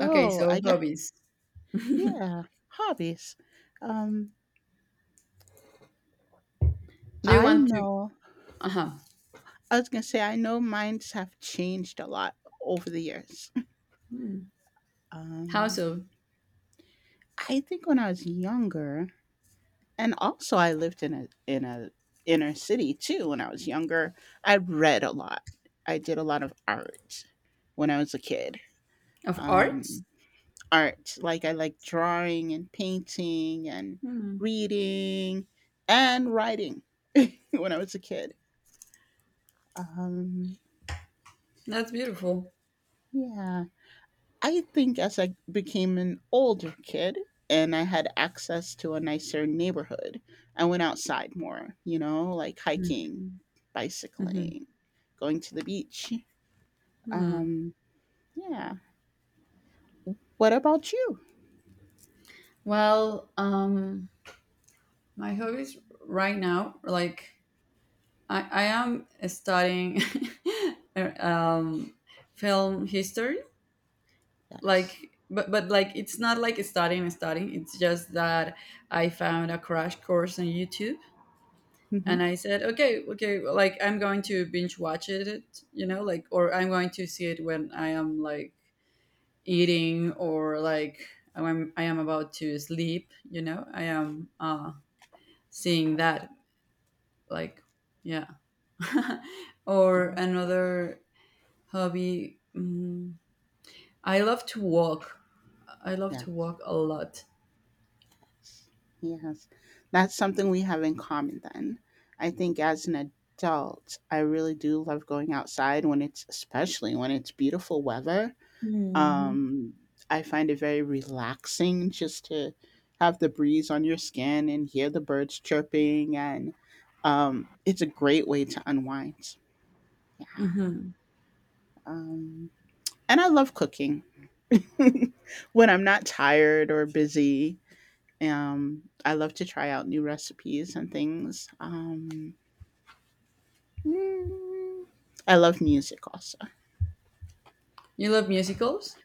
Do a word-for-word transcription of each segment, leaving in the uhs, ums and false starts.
Okay, so I guess, hobbies. yeah, hobbies. Um, Do you I want to? know Uh huh. I was gonna say I know mines have changed a lot over the years. How Um, so? I think when I was younger, and also I lived in a in a inner city too when I was younger, I read a lot. I did a lot of art when I was a kid. Of arts? Um, Art, like I like drawing and painting and reading and writing when I was a kid. Um, That's beautiful. yeah. I think as I became an older kid and I had access to a nicer neighborhood, I went outside more, you know, like hiking, Mm-hmm. bicycling, going to the beach. Hmm. Um, yeah. What about you? Well, um, my hobbies right now, like I, I am studying um, film history, Yes. like but but like it's not like studying studying. It's just that I found a crash course on YouTube and Mm-hmm. I said, okay, okay, like I'm going to binge watch it, you know, like, or I'm going to see it when I am like eating or like I'm, I am about to sleep, you know, I am uh, seeing that, like, yeah. Or Yeah. another hobby, mm, I love to walk. I love Yeah. to walk a lot. Yes. That's something we have in common then. I think as an adult, I really do love going outside when it's, especially when it's beautiful weather. Mhm. Um, I find it very relaxing just to have the breeze on your skin and hear the birds chirping, and um, it's a great way to unwind. Hmm. Um, and I love cooking when I'm not tired or busy. Um, I love to try out new recipes and things. Um, mm, I love music also. You love musicals?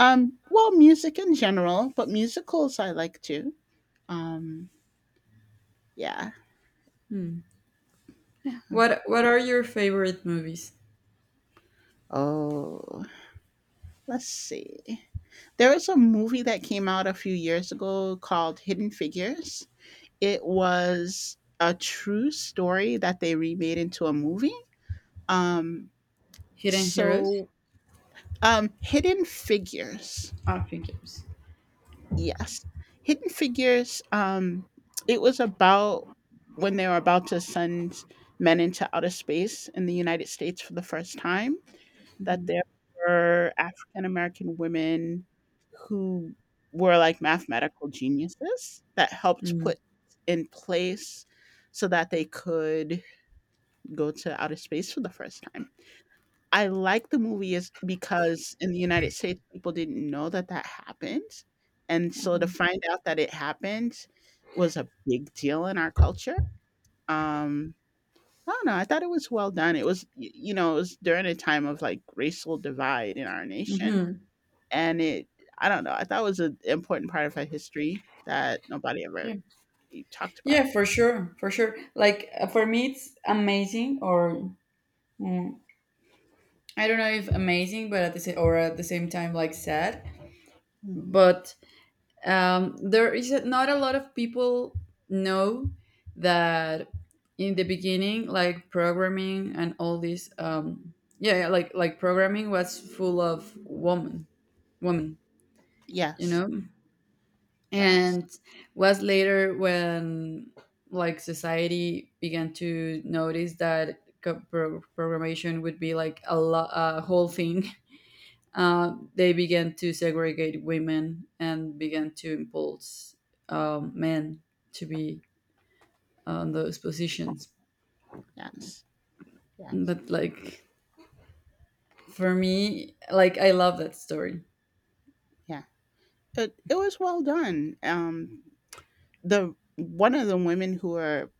Um, well, music in general, but musicals I like too. Um, yeah. What What are your favorite movies? Oh. Let's see. There was a movie that came out a few years ago called Hidden Figures. It was a true story that they remade into a movie. Um, Hidden Heroes? so, um, Hidden Figures. Ah, figures. Yes. Hidden Figures. Um, it was about when they were about to send men into outer space in the United States for the first time, that Mhm. there were African American women who were like mathematical geniuses that helped Mhm. put in place so that they could go to outer space for the first time. I like the movie is because in the United States people didn't know that that happened, and so to find out that it happened was a big deal in our culture. Um, I don't know. I thought it was well done. It was, y- you know, it was during a time of like racial divide in our nation, Mhm. and it I don't know, I thought it was an important part of our history that nobody ever Yeah, really talked about. yeah, for sure, for sure. Like uh, for me, it's amazing, or mm, I don't know if amazing, but at the same or at the same time, like sad. Mhm. But um, there is not a lot of people know that in the beginning, like programming and all this. Um, yeah, yeah, like like programming was full of woman, woman. You Yes, know. yes, and was later when like society began to notice that co- pro- programmation would be like a, lo- a whole thing uh, they began to segregate women and began to impulse um, men to be on those positions yes, yes, but like for me like I love that story. yeah. It it was well done. Um, the one of the women who were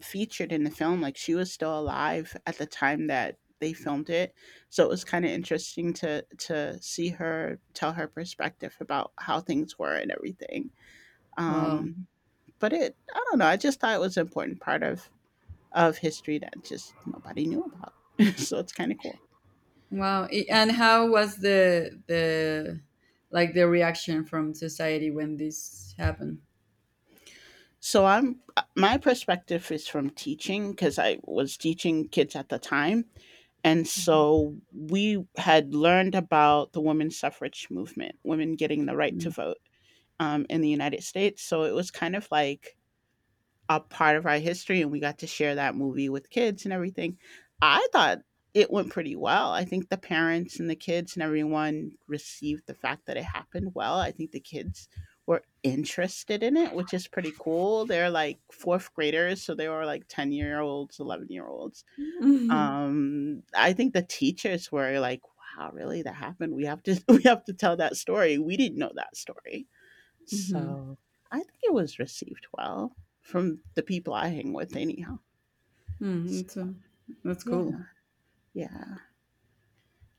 featured in the film, like, she was still alive at the time that they filmed it, so it was kinda interesting to to see her tell her perspective about how things were and everything. Wow. Um, but it I don't know, I just thought it was an important part of of history that just nobody knew about. So it's kind of cool. Wow, I- and how was the the like the reaction from society when this happened? So I'm My perspective is from teaching because I was teaching kids at the time, and Mhm, so we had learned about the women's suffrage movement, women getting the right to mm. vote um, in the United States. So it was kind of like a part of our history and we got to share that movie with kids and everything. I thought it went pretty well. I think the parents and the kids and everyone received the fact that it happened well. I think the kids were interested in it, which is pretty cool. They're like fourth graders, so they were like ten year olds, eleven year olds. Mhm, Um, I think the teachers were like, wow, really that happened. We have to we have to tell that story. We didn't know that story, mhm, so I think it was received well from the people I hang with, anyhow. mm. S- That's uh, that's cool. Yeah, yeah.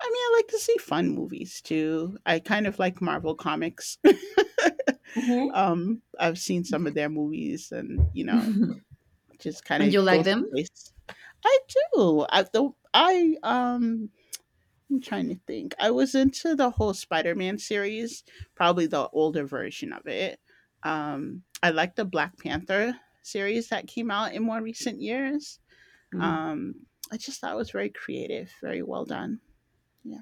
I mean, I like to see fun movies too. I kind of like Marvel comics. um, I've seen some of their movies, and you know, just kind And you of go like them? someplace. I do. I the I um. I'm trying to think. I was into the whole Spider-Man series, probably the older version of it. Um, I like the Black Panther series that came out in more recent years. Um, I just thought it was very creative, very well done. Yeah.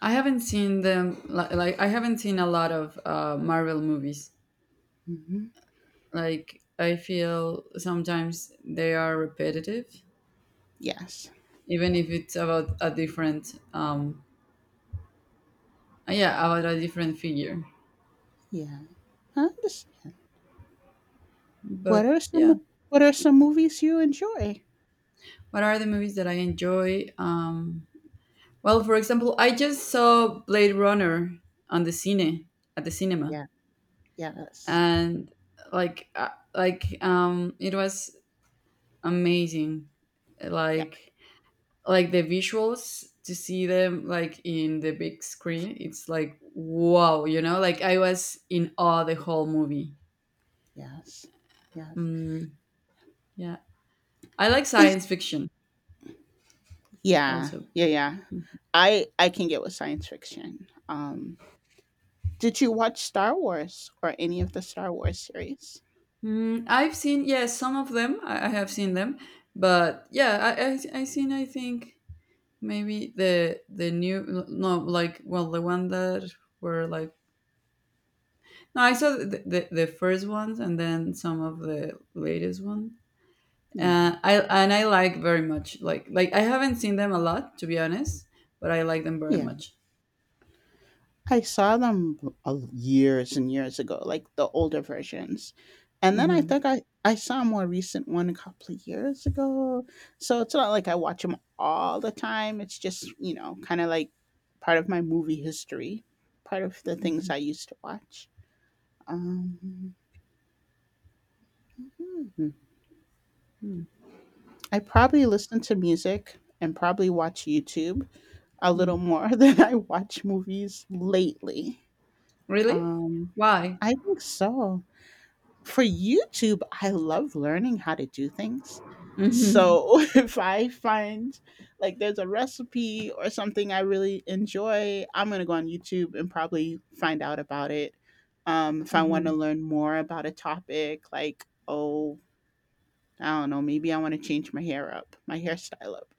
I haven't seen them. li- Like I haven't seen a lot of uh, Marvel movies. Hmm. Like I feel sometimes they are repetitive, Yes. even if it's about a different, um, yeah, about a different figure. Yeah. Huh? Just, what But are yeah, some What are some movies you enjoy? what are the movies that I enjoy? Um, well, for example, I just saw Blade Runner on the cine at the cinema. Yeah. Yes. And like uh, like um it was amazing, Yeah. like like the visuals to see them like in the big screen, it's like wow, you know, like I was in awe the whole movie. Yes. Yes. mm, yeah, I like Is science fiction Yeah. also. Yeah. Yeah. I I can get with science fiction. Um, did you watch Star Wars or any of the Star Wars series? mm, I've seen, yes, some of them. I, I have seen them, but yeah, i i, I seen, I think maybe the the new, no, like, well, the one that were like. No, I saw the, the, the first ones and then some of the latest one. Yeah. Uh, I and I like very much. Like like I haven't seen them a lot, to be honest, but I like them very Yeah. much. I saw them uh, years and years ago, like the older versions. And then I Hmm. think I, I saw a more recent one a couple of years ago. So it's not like I watch them all the time. It's just, you know, kind of like part of my movie history, part of the things Hmm. I used to watch. Um, hmm. I probably listen to music and probably watch YouTube a little Hmm. more than I watch movies lately. Really? Um, Why? I think so. For YouTube, I love learning how to do things. Hmm. So if I find like there's a recipe or something I really enjoy, I'm going to go on YouTube and probably find out about it. Um, if I want to Hmm. learn more about a topic, like, oh, I don't know, maybe I want to change my hair up, my hairstyle up.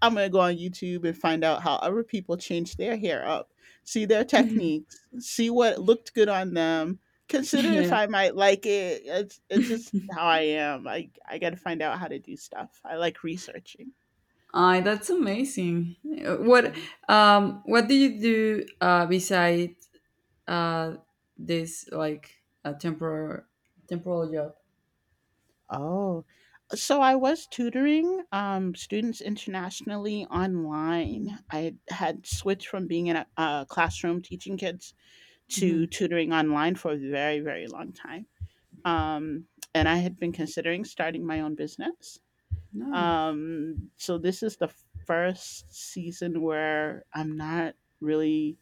I'm gonna go on YouTube and find out how other people change their hair up, see their techniques, see what looked good on them, consider if Yeah. I might like it. It's it's just how I am. I I gotta find out how to do stuff. I like researching. Ah, that's amazing. Uh, What um what do you do uh besides uh this like a temporary temporal job? Oh. So I was tutoring um, students internationally online. I had switched from being in a, a classroom teaching kids to Mm-hmm. tutoring online for a very, very long time. Um, and I had been considering starting my own business. No. Um, so this is the first season where I'm not really.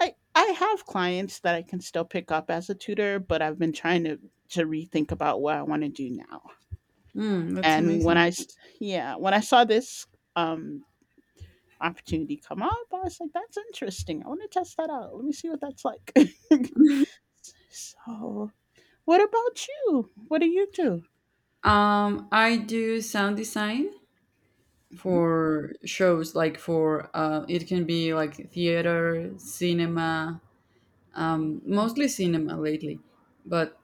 I I have clients that I can still pick up as a tutor, but I've been trying to to rethink about what I want to do now. Mm, that's And when amazing. I, yeah, when I saw this um opportunity come up, I was like, that's interesting. I want to test that out. Let me see what that's like. So, what about you? What do you do? Um, I do sound design for shows, like for uh, it can be like theater, cinema, um, Mhm. mostly cinema lately, but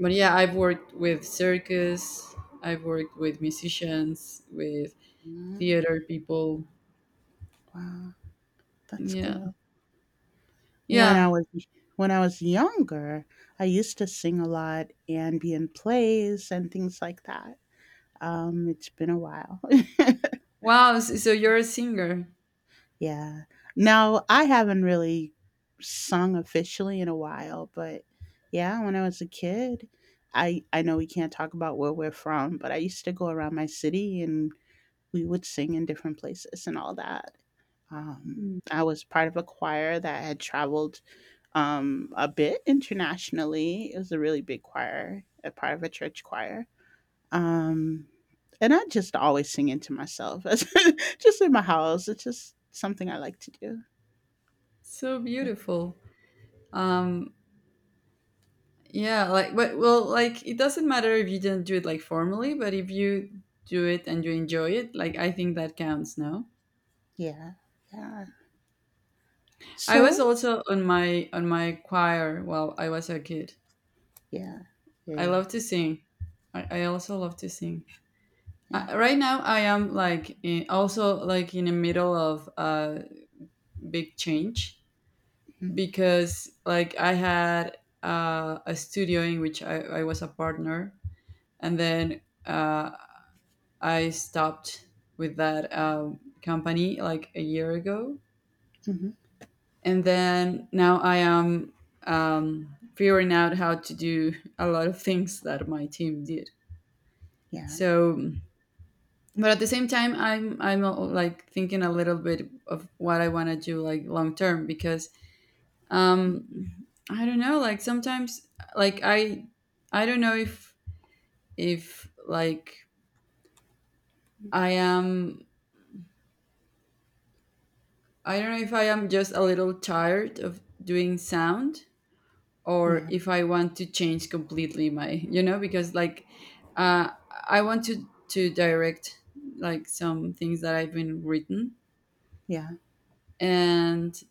but yeah, I've worked with circus, I've worked with musicians, with Mm, theater people. wow, that's Yeah, cool. When I yeah. was when I was younger, I used to sing a lot ambient plays and things like that. Um, it's been a while. Wow. s- So you're a singer. Yeah. Now I haven't really sung officially in a while, but yeah, when I was a kid, I I know we can't talk about where we're from, but I used to go around my city and we would sing in different places and all that. Um, I was part of a choir that had traveled um, a bit internationally. It was a really big choir, a part of a church choir. Um, and I just always sing it to myself, just in my house. It's just something I like to do. So Yeah, beautiful. Um, Yeah, like but well, like it doesn't matter if you didn't do it like formally, but if you do it and you enjoy it, like I think that counts, no? yeah. Yeah. I was So, also on my on my choir while I was a kid. yeah, yeah, I yeah, love to sing. I, I also love to sing. Uh, yeah. Right now, I am like in, also like in the middle of a big change Mm-hmm. because like I had uh, a studio in which I, I was a partner, and then uh, I stopped with that um, company like a year ago, Mm-hmm. and then now I am um, figuring out how to do a lot of things that my team did. Yeah, So, but at the same time, I'm I'm uh, like thinking a little bit of what I want to do like long term because um, I don't know. Like sometimes, like I I don't know if if like I am I don't know if I am just a little tired of doing sound or yeah, if I want to change completely my, you know, because like uh, I want to, to direct like some things that I've been written yeah, and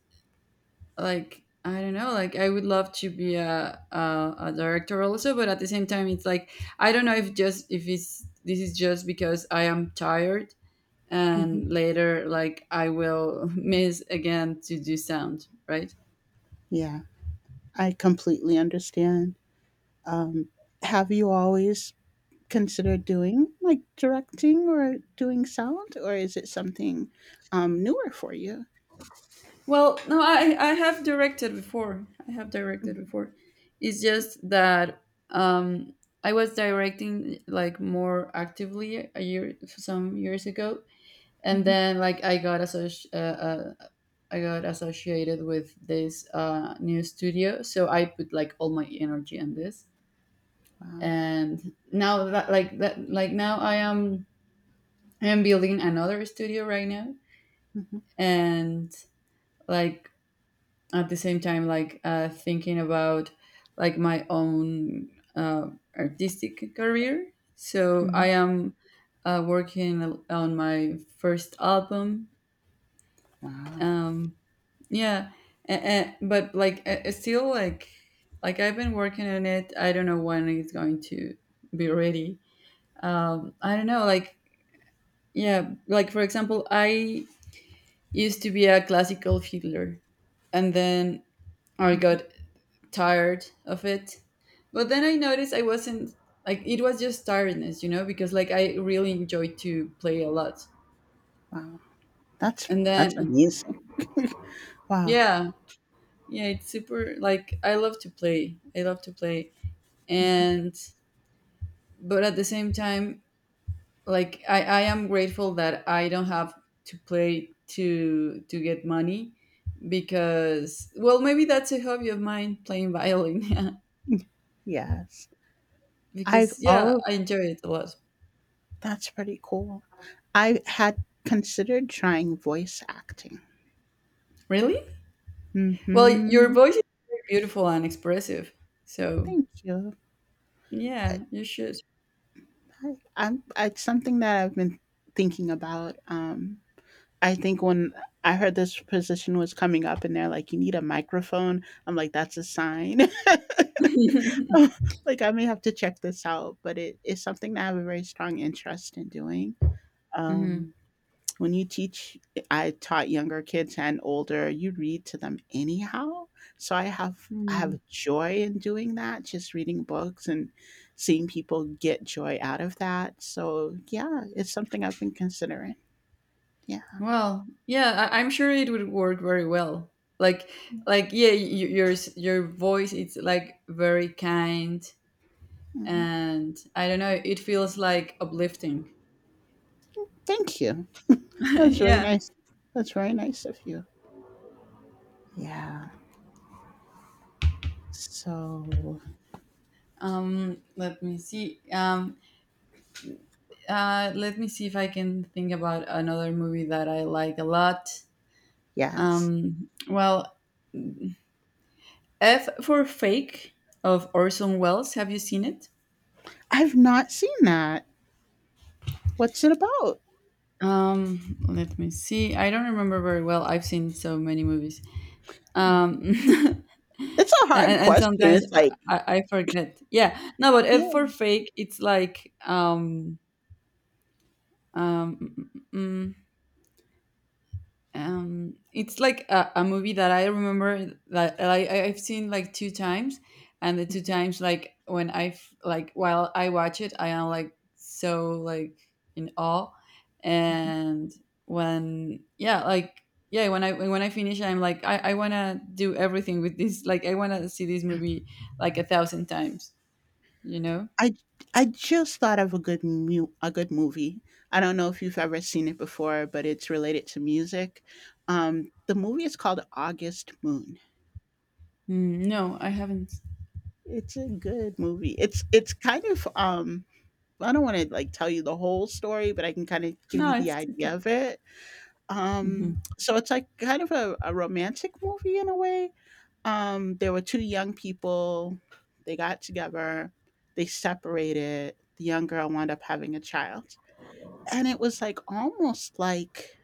like, I don't know, like I would love to be a, a, a director also, but at the same time, it's like, I don't know if just, if it's, this is just because I am tired hmm, and later like I will miss again to do sound, right? yeah. I completely understand. Um, have you always consider doing, like directing or doing sound, or is it something um, newer for you? Well, no, I I have directed before. I have directed before. It's just that um I was directing like more actively a year some years ago, and Hmm. then like I got associ- uh, uh, I got associated with this uh, new studio, so I put like all my energy in this. Wow. And now that like that like now I am I am building another studio right now, Hmm. and like at the same time like uh, thinking about like my own uh, artistic career, so Hmm. I am uh, working on my first album, Wow. um, yeah, and, but like uh, still like like I've been working on it, I don't know when it's going to be ready. um, I don't know like yeah like for example I used to be a classical fiddler and then I Hmm. got tired of it. But then I noticed I wasn't like it was just tiredness, you know, because like I really enjoy to play a lot. Wow. That's And that's then amazing. Wow. yeah, yeah, it's super like I love to play. I love to play. Hmm. And but at the same time, like I, I am grateful that I don't have to play to to get money because well maybe that's a hobby of mine, playing violin Yes. I've because yeah all I enjoy it a lot. that's pretty cool. I had considered trying voice acting. Really? Well, your Hmm. voice is very beautiful and expressive. So, Thank you. I, yeah, you should. I, I'm, it's something that I've been thinking about. Um, I think when I heard this position was coming up and they're like, you need a microphone, I'm like, that's a sign. Like, I may have to check this out, but it is something that I have a very strong interest in doing. Mhm. Um, when you teach, I taught younger kids and older, you read to them anyhow. So I have. I Mm. have joy in doing that, just reading books and seeing people get joy out of that. So, yeah, it's something I've been considering. Yeah. Well, yeah, I- I'm sure it would work very well. Like, like, yeah, y your s- your voice it's like very kind, Mhm. and I don't know, it feels like uplifting. Thank you. That's very Yeah. nice. That's very nice of you. Yeah. So, Um, let me see. Um, uh, Let me see if I can think about another movie that I like a lot. yes. Um, well, F for Fake of Orson Welles. Have you seen it? I've not seen that. What's it about? Um, let me see. I don't remember very well. I've seen so many movies. Mhm. Um, It's a and, hard and question. sometimes It's like, I, I forget. Yeah, no, but F for yeah. Fake, it's like um, um, mm, mm, mm, mm. um it's like a, a movie that I remember that I, I- I've seen like two times and the two times like when i f- like while I watch it I am like so like in awe Mhm. and when yeah like yeah when I when I finish I'm like i, I want to do everything with this, like I want to see this movie like a thousand times, you know. I I just thought of a good mu- a good movie. I don't know if you've ever seen it before, but it's related to music. Um, the movie is called August Moon. mm, no, I haven't. It's a good movie. It's it's kind of um I don't want to like tell you the whole story, but I can kind of give No, you the it's okay. idea of it. Hmm. Um, so it's like kind of a, a romantic movie in a way. Um, there were two young people, they got together, they separated, the young girl wound up having a child. And it was like almost like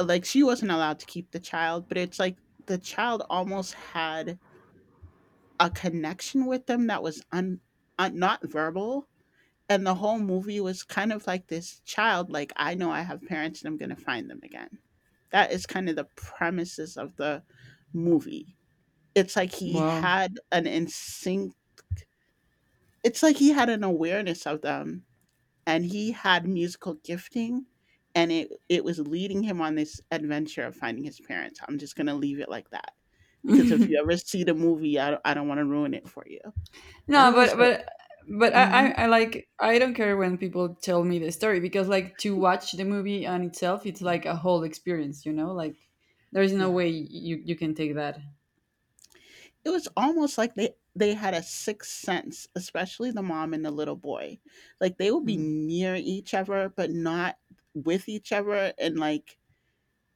like she wasn't allowed to keep the child, but it's like the child almost had a connection with them that was un, un not verbal. And the whole movie was kind of like this child, like, I know I have parents and I'm going to find them again. That is kind of the premises of the movie. It's like he Wow. had an instinct, it's like he had an awareness of them and he had musical gifting and it, it was leading him on this adventure of finding his parents. I'm just going to leave it like that. Because if you ever see the movie, I, don't- I don't want to ruin it for you. But No, it was, but but but a, I, I mhm, I like I don't care when people tell me the story because like to watch the movie on itself, it's like a whole experience, you know. Like there is no yeah. way you you can take that. It was almost like they they had a sixth sense, especially the mom and the little boy. Like they would be Mm. near each other, but not with each other, and like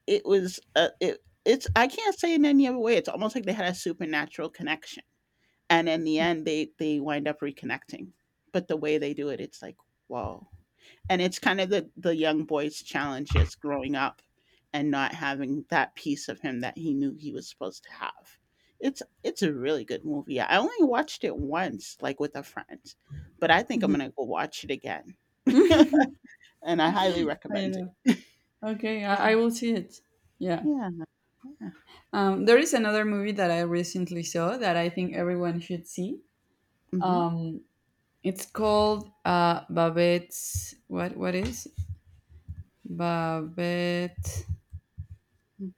it was uh, it. It's I can't say in any other way. It's almost like they had a supernatural connection, and in the end, they they wind up reconnecting. But the way they do it, it's like whoa and it's kind of the the young boy's challenges growing up and not having that piece of him that he knew he was supposed to have. It's it's a really good movie. I only watched it once, like with a friend, but I think I'm Mhm. gonna go watch it again. And I highly I recommend know. it. Okay, Yeah, I, I will see it. Yeah. yeah, yeah. Um, there is another movie that I recently saw that I think everyone should see. Mhm. It's called uh, Babette's. What what is Babette? Mm.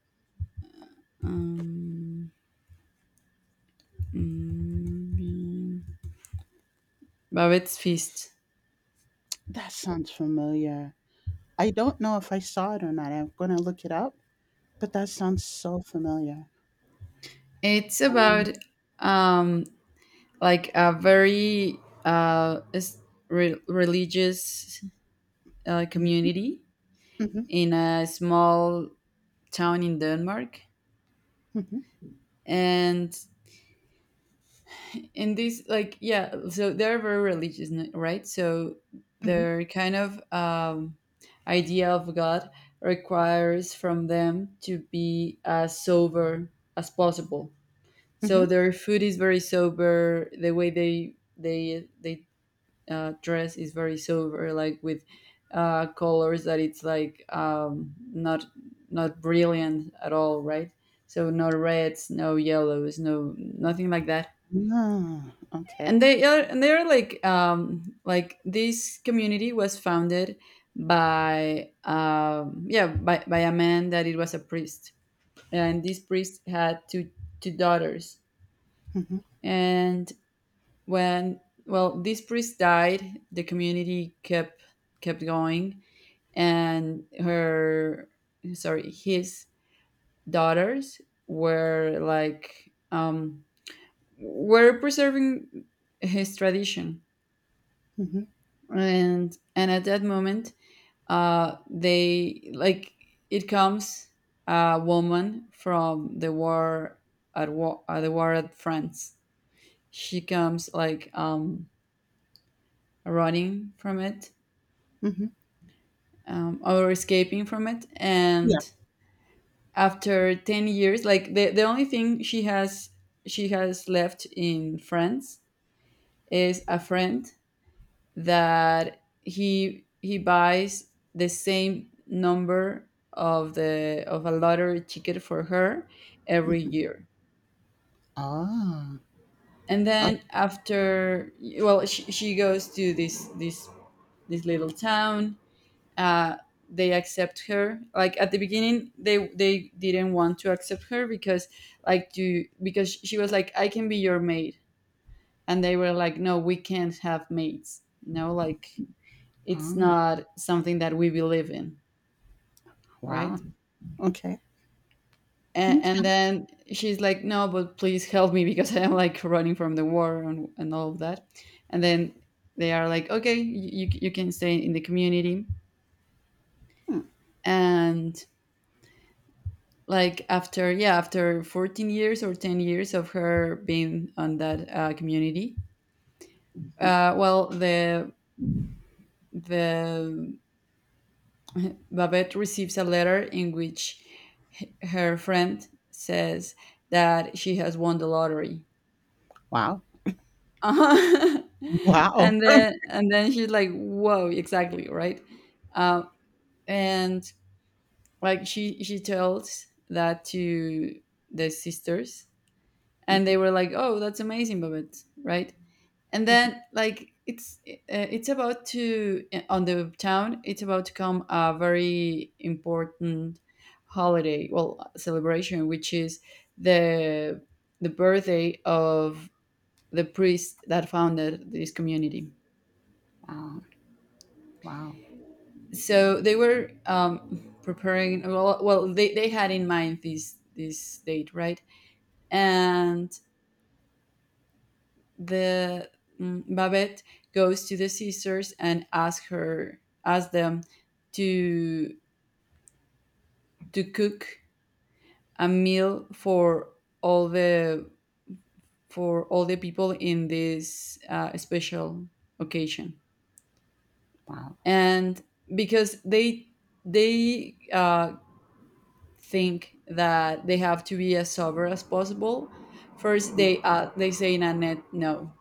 Um, mm, Bobet's Feast. That sounds familiar. I don't know if I saw it or not. I'm gonna look it up, but that sounds so familiar. It's about um, like a very uh, s- re- religious uh, Mhm, community mhm, in a small town in Denmark. And in this, like, yeah, so they're very religious, n- right? So mhm, their kind of um, idea of God requires from them to be as sober as possible. So mhm, their food is very sober. The way they they they uh, dress is very sober, like with uh, colors that it's like um, not not brilliant at all, right? So no reds, no yellows, no nothing like that. mhm. Ah, okay. And they are and they are like um, like this community was founded by um, yeah by, by a man that it was a priest, and this priest had two two daughters. Mhm. And when well this priest died, the community kept kept going, and her sorry his daughters were like um were preserving his tradition. Mhm, And and at that moment, uh they like, it comes a woman from the war, at war, uh, the war at France. She comes like um running from it, mhm. um, or escaping from it. Yeah, And after ten years, like the, the only thing she has, she has left in France, is a friend that he he buys the same number of the of a lottery ticket for her every mhm. year. Ah, And oh, then after, well, she, she goes to this this this little town. uh, they accept her, like at the beginning they they didn't want to accept her because, like you, because she was like, "I can be your maid," and they were like, "No, we can't have maids. No, like it's ah, not something that we believe in, wow, right?" okay, And, and m'kay. then she's like, "No, but please help me," because I'm like running from the war, and, and all of that. And then they are like, "Okay, you, you can stay in the community." And like after, yeah, after fourteen years or ten years of her being on that uh, community, Mhm. uh, well, the the Babette receives a letter in which h- her friend says that she has won the lottery. Wow, Uh-huh. wow. and then and then she's like, "Whoa, exactly, right." um, and like she she tells that to the sisters, and they were like, "Oh, that's amazing, Babette, right?" And Mhm, mhm. then, like, it's uh, it's about to uh, on the town, it's about to come a very important holiday, well, celebration, which is the the birthday of the priest that founded this community. Wow, wow, So they were um, preparing, well, well, they, they had in mind this this date, right? And the mm, Babette goes to the sisters and asks her asks them to to cook a meal for all the for all the people in this uh, special occasion. wow, And because they they uh, think that they have to be as sober as possible, first mm, they uh, they say, "Nanette, no."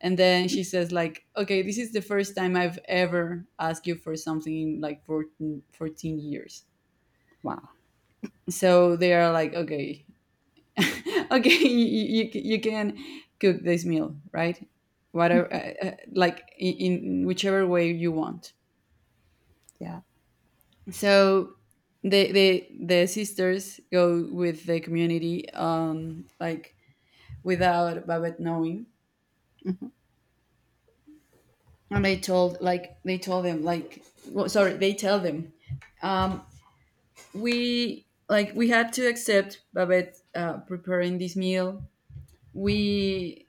And then she says like, "Okay, this is the first time I've ever asked you for something in like fourteen fourteen years." wow, So they are like, "Okay, okay, you, you, you can cook this meal, right, whatever, uh, uh, like in, in whichever way you want." yeah, So the the the sisters go with the community, um like without Babette knowing. mhm, And they told like they told them like, well, sorry, they tell them, um we, like we had to accept Babette uh, preparing this meal. We,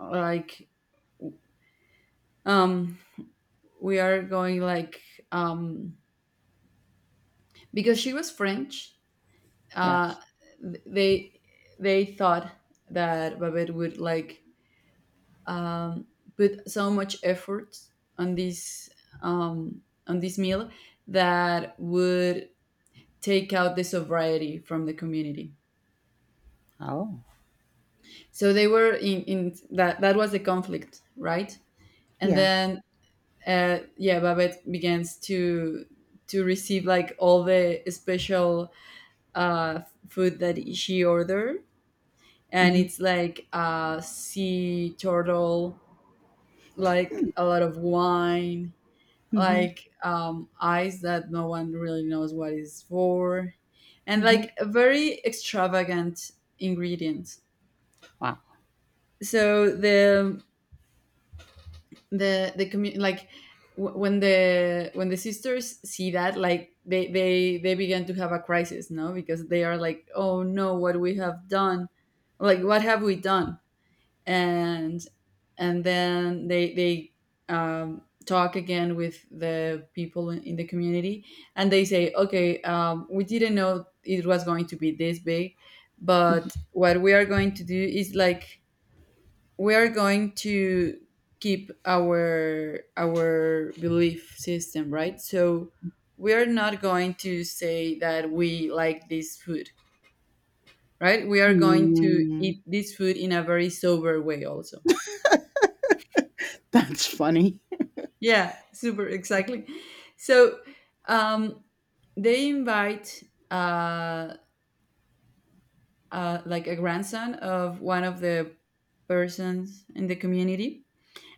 like, um we are going, like, um because she was French. Uh, yes. th- they they thought that Babette would like put so much effort on this, um on this meal, that would take out the sobriety from the community. Oh, So they were in, in that, that was the conflict, right? And yeah, then uh, yeah, Babette begins to to receive like all the special uh, food that she ordered, and mhm, it's like, uh, sea turtle, like a lot of wine, mhm, like um, ice that no one really knows what is for, and mhm. like a very extravagant ingredient. Wow, So the the the community, like, w- when the when the sisters see that, like they they they began to have a crisis, no, because they are like, "Oh no, what we have done, like what have we done." and and then they they um, talk again with the people in in the community, and they say, "Okay, um, we didn't know it was going to be this big, mhm. but what we are going to do is like, we are going to keep our our belief system, right, so we are not going to say that we like this food, right, we are going to Mm, eat this food in a very sober way also." that's funny. Yeah, super, exactly. So um they invite uh, uh like a grandson of one of the persons in the community.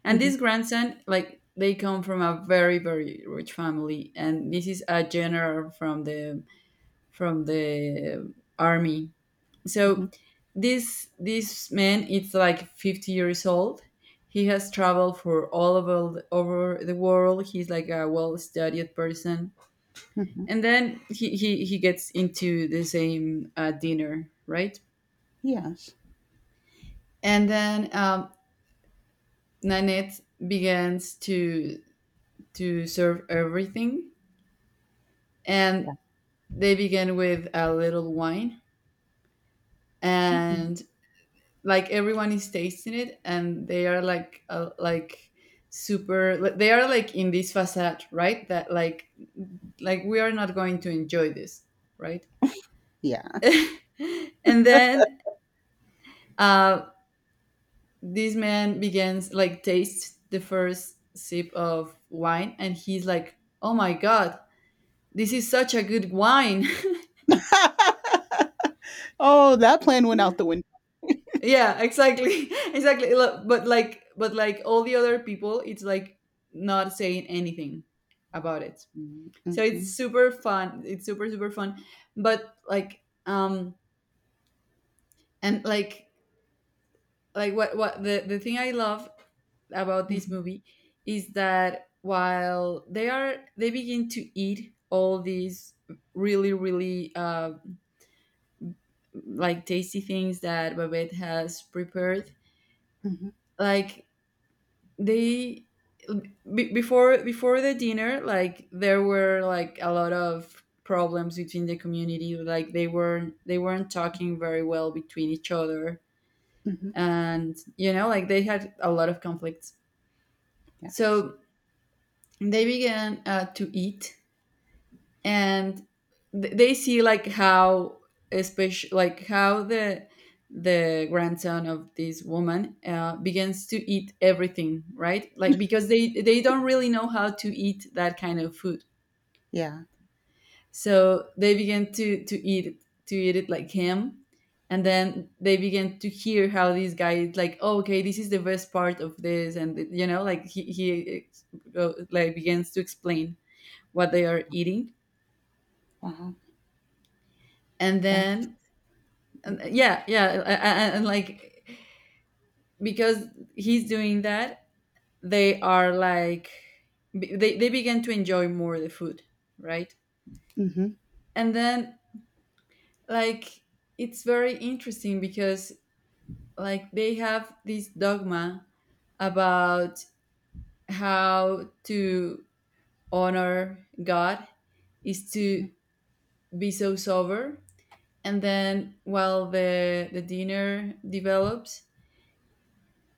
And Mhm, this grandson, like they come from a very, very rich family, and this is a general from the from the army. So mhm, this this man is like fifty years old. He has traveled for all over over the world. He's like a well-studied person, mhm. and then he he, he gets into the same uh, dinner, right? Yes, And then um, Nanette begins to to serve everything, and yeah, they begin with a little wine, mhm, and, like, everyone is tasting it, and they are like, uh, like super. like, they are like in this facade, right, that like like we are not going to enjoy this, right? yeah. And then uh, this man begins like taste the first sip of wine, and he's like, "Oh my god, this is such a good wine." Oh, that plan went out the window. Yeah, exactly, exactly. Lo- but like, but like all the other people, it's like not saying anything about it. Mm, So it's mhm, super fun, it's super super fun. But like, um and like, like what what the the thing I love about this mhm, movie is that while they are, they begin to eat all these really really uh like tasty things that Babette has prepared, mhm, like they, be before, before the dinner, like there were like a lot of problems between the community, like they weren't, they weren't talking very well between each other, mhm. and you know, like they had a lot of conflicts. Yes, So they began uh, to eat, and th- they see like how, especially like how the the grandson of this woman uh, begins to eat everything, right, like because they they don't really know how to eat that kind of food. yeah. So they begin to to eat it to eat it like him. And then they begin to hear how this guy is like, "Oh, okay, this is the best part of this," and you know, like he, he ex- go- like begins to explain what they are eating. Wow, And that's then, and uh, yeah, yeah a- and, like, because he's doing that, they are like be- they, they begin to enjoy more the food, right? mhm, And then, like, it's very interesting because, like, they have this dogma about how to honor god is mhm, to be so sober. And then while the the dinner develops,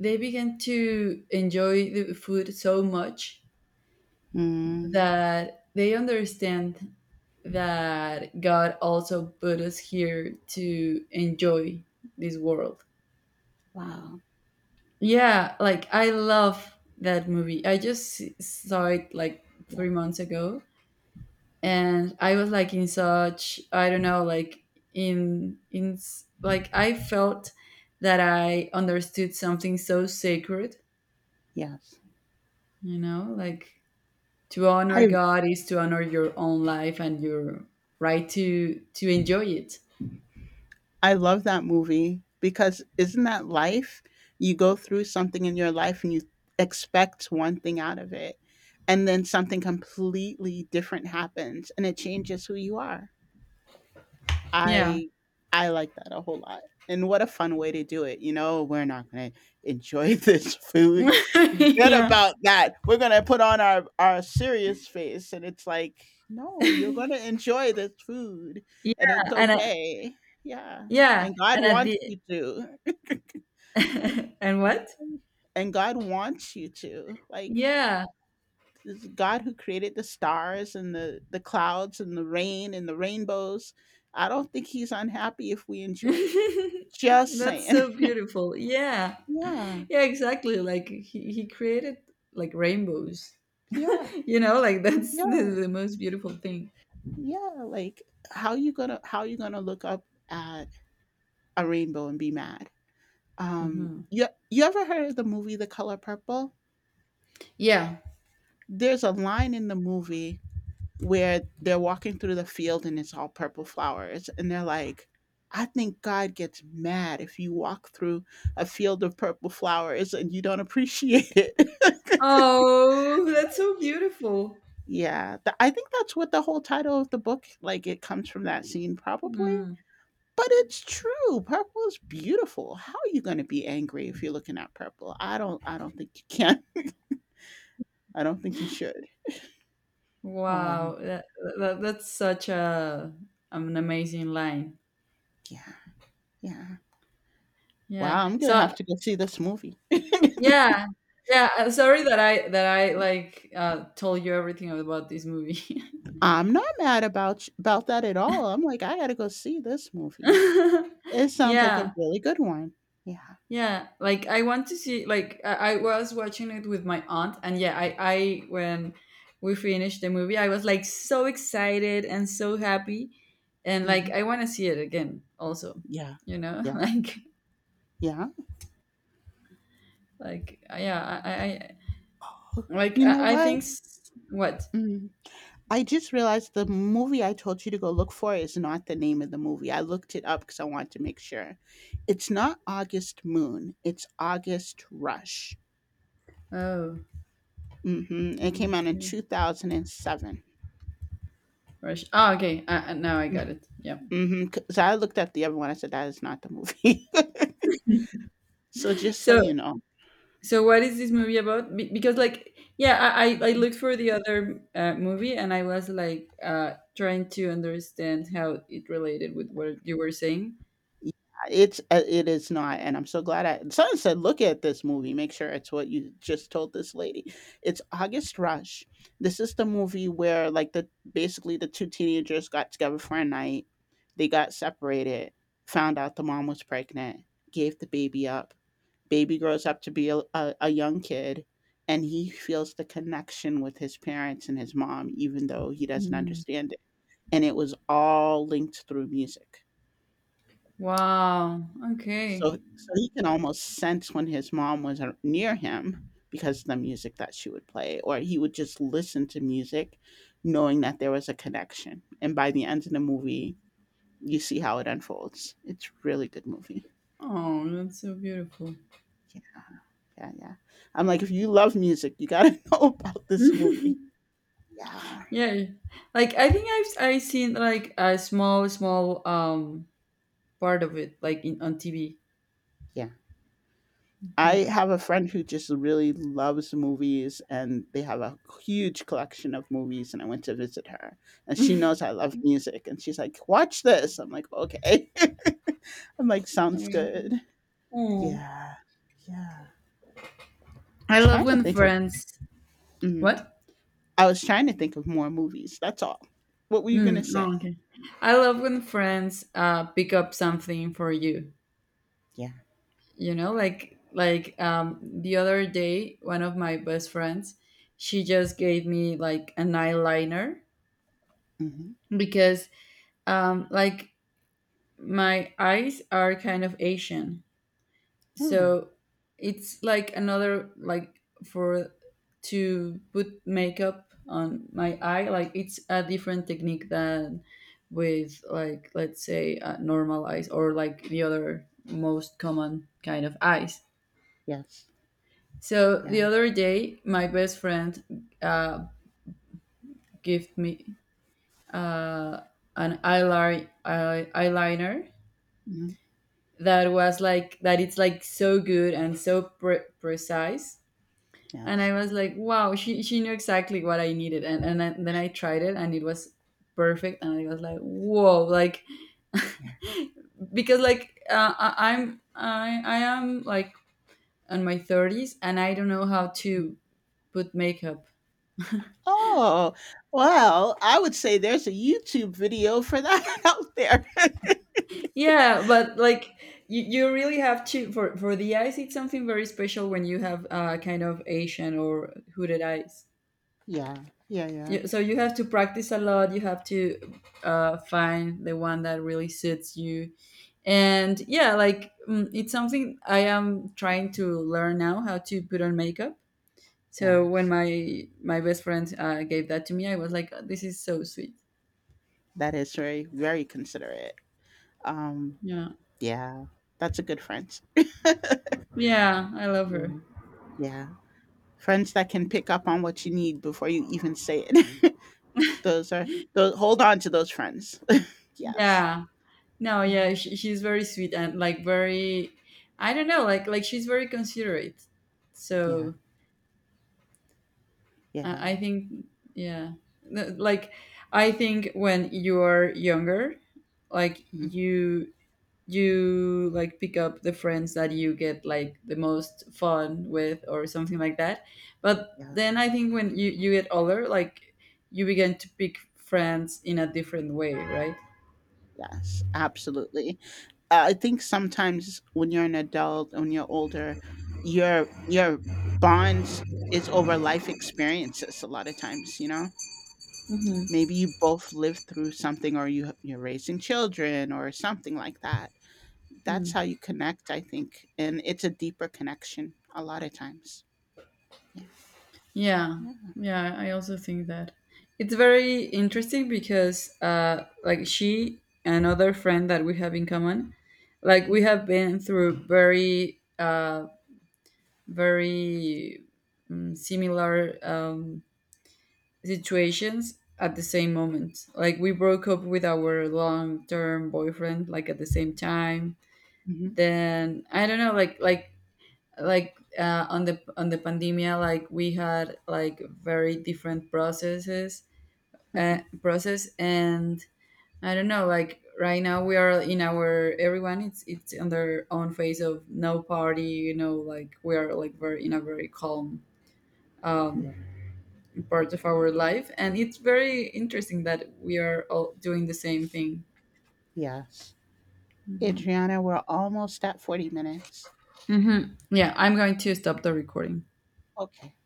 they began to enjoy the food so much mm, that they understand that God also put us here to enjoy this world. wow, Yeah, like I love that movie. I just s- saw it like yeah, three months ago, and I was like in such, I don't know, like in in s- like I felt that I understood something so sacred, yes. you know, like to honor I God is to honor your own life and your right to to enjoy it. I love that movie because isn't that life? You go through something in your life and you expect one thing out of it, and then something completely different happens and it changes who you are. Yeah. I I like that a whole lot, and what a fun way to do it, you know, "We're not gonna enjoy this food. Forget Yeah. about that. We're gonna put on our our serious face," and it's like, "No, you're gonna enjoy this food, Yeah. and it's And I, okay." Yeah, yeah, and God and at wants you to. Like, the and what? and God wants you to, like Yeah. this is God who created the stars and the, the clouds and the rain and the rainbows. I don't think he's unhappy if we enjoy it. Just That's saying. so beautiful. Yeah. yeah. Yeah, exactly. Like he, he created like rainbows. Yeah. You know, like that's the, Yeah. the most beautiful thing. Yeah. Like how you gonna how you gonna look up at a rainbow and be mad? Um hmm. you you ever heard of the movie The Color Purple? Yeah. There's a line in the movie where they're walking through the field and it's all purple flowers and they're like I think God gets mad if you walk through a field of purple flowers and you don't appreciate it. Oh, that's so beautiful. yeah, th- I think that's what the whole title of the book like it comes from that scene probably. Mm. But it's true. Purple is beautiful. How are you going to be angry if you're looking at purple? I don't I don't think you can. I don't think you should. Wow. Wow, that, that that's such a an amazing line. Yeah. Yeah. Yeah. Wow, I'm going to So have to go see this movie. yeah, yeah. uh, Sorry that I that I like uh, told you everything about this movie. I'm not mad about sh about that at all. I'm like, "I gotta go see this movie." It sounds like a Yeah, really good one. Yeah. yeah. Like I want to see. Like I, I was watching it with my aunt, and yeah, I I when we finished the movie, I was like so excited and so happy, and like Mhm. I want to see it again. Also, Yeah. you know, Yeah. like Yeah. like yeah, I I Like You know I, I what? think s- what? Mm. I just realized the movie I told you to go look for is not the name of the movie. I looked it up because I wanted to make sure. It's not August Moon, it's August Rush. Oh, Mhm. It came out in okay. two thousand seven. Rush. Ah, okay. Uh, uh, now I M got it. Yeah. Mhm, 'cause I looked at the other one, I said, "That is not the movie." So just so So you know. so what is this movie about? Be- because like, yeah, I I I Mhm. looked for the other uh, movie and I was like uh trying to understand how it related with what you were saying. Yeah, it's uh, it is not, and I'm so glad I someone said, "Look at this movie. Make sure it's what you just told this lady." It's August Rush. This is the movie where, like, the basically the two teenagers got together for a night. They got separated, found out the mom was pregnant, gave the baby up. Baby grows up to be a, a, a young kid, and he feels the connection with his parents and his mom, even though he doesn't Hmm. understand it. And it was all linked through music. Wow. Okay. So so he can almost sense when his mom was ar- near him because of the music that she would play or he would just listen to music knowing that there was a connection. And by the end of the movie, you see how it unfolds. It's a really good movie. Oh, that's so beautiful. Yeah, yeah, yeah. I'm like if you love music, you got to know about this movie. Yeah, Yeah. Like I think I've I seen like a small small um part of it like in on T V. Yeah. I have a friend who just really loves movies and they have a huge collection of movies and I went to visit her and she knows I love music and she's like, "Watch this." I'm like, "Okay." I'm like, "Sounds Hmm. good." Mm. Yeah. Yeah. I love Trying to when think of friends. mhm. What? I was trying to think of more movies. That's all. What were you going to Mm, say? oh, okay. I love when friends uh, pick up something for you. Yeah. You know, like like um, the other day, one of my best friends, she just gave me like an eyeliner Mhm. because um, like my eyes are kind of Asian, Oh, so it's like another like for to put makeup on my eye, like it's a different technique than with, like, let's say uh, normal eyes or like the other most common kind of eyes. yes. So the Yeah. other day my best friend uh gave me uh an eyeliner eye- eyeliner Mhm. that was like that it's like so good and so pre- precise. And Yes. I was like, wow, she she knew exactly what I needed, and and, I- then I tried it, and it was perfect, and I was like, whoa, like Yeah. because like, uh, I, I'm I I am like in my thirties, and I don't know how Mm-hmm. to put makeup. Oh, well, I would say there's a YouTube video for that out there. Yeah, but like you, you really have to, for for the eyes, it's something very special when you have uh, kind of Asian or hooded eyes. yeah, yeah, yeah, You, so you have to practice a lot. You have to uh, find the one that really suits you. And yeah, like mm, it's something I am trying to learn now how to put on makeup. So when yes. my my best friend uh, gave that to me, I was like, "Oh, this is so sweet." That is very, very considerate. Um, Yeah, yeah, that's a good friend. yeah, I love Yeah. her. yeah. Friends that can pick up on what you need before you even say it. those are those hold on to those friends. yes. Yeah, no, Yeah. yeah, she, she's very sweet and like very, I don't know, like like she's very considerate. Yeah. So Uh, Yeah. I think, yeah, Th- like I think when you're younger, like Mhm. you you like pick up the friends that you get like the most fun with or something like that. But Yeah. then I think when you you get older, like you begin to pick friends in a different way, right? Yes. Absolutely. Uh, I think sometimes when you're an adult, when you're older, your your bond is over life experiences. A lot of times, you know, Mm-hmm. maybe you both lived through something, or you you're raising children, or something like that. That's how you connect, I think, and it's a deeper connection. A lot of times, yeah, Yeah, yeah, yeah, I also think that it's very interesting because, uh, like she, another friend that we have in common, like we have been through very, uh, very um, similar um, situations at the same moment. Like we broke up with our long-term boyfriend, like at the same time. hmm Then I don't know, like like like uh, on the on the pandemia, like we had like very different processes, uh, hmm process. And I don't know, like right now we are in our, everyone it's it's on their own phase of no party, you know, like we are like very in a very calm um yeah, part of our life, and it's very interesting that we are all doing the same thing. yes. Adriana, we're almost at forty minutes. Hmm. Yeah, I'm going to stop the recording. Okay.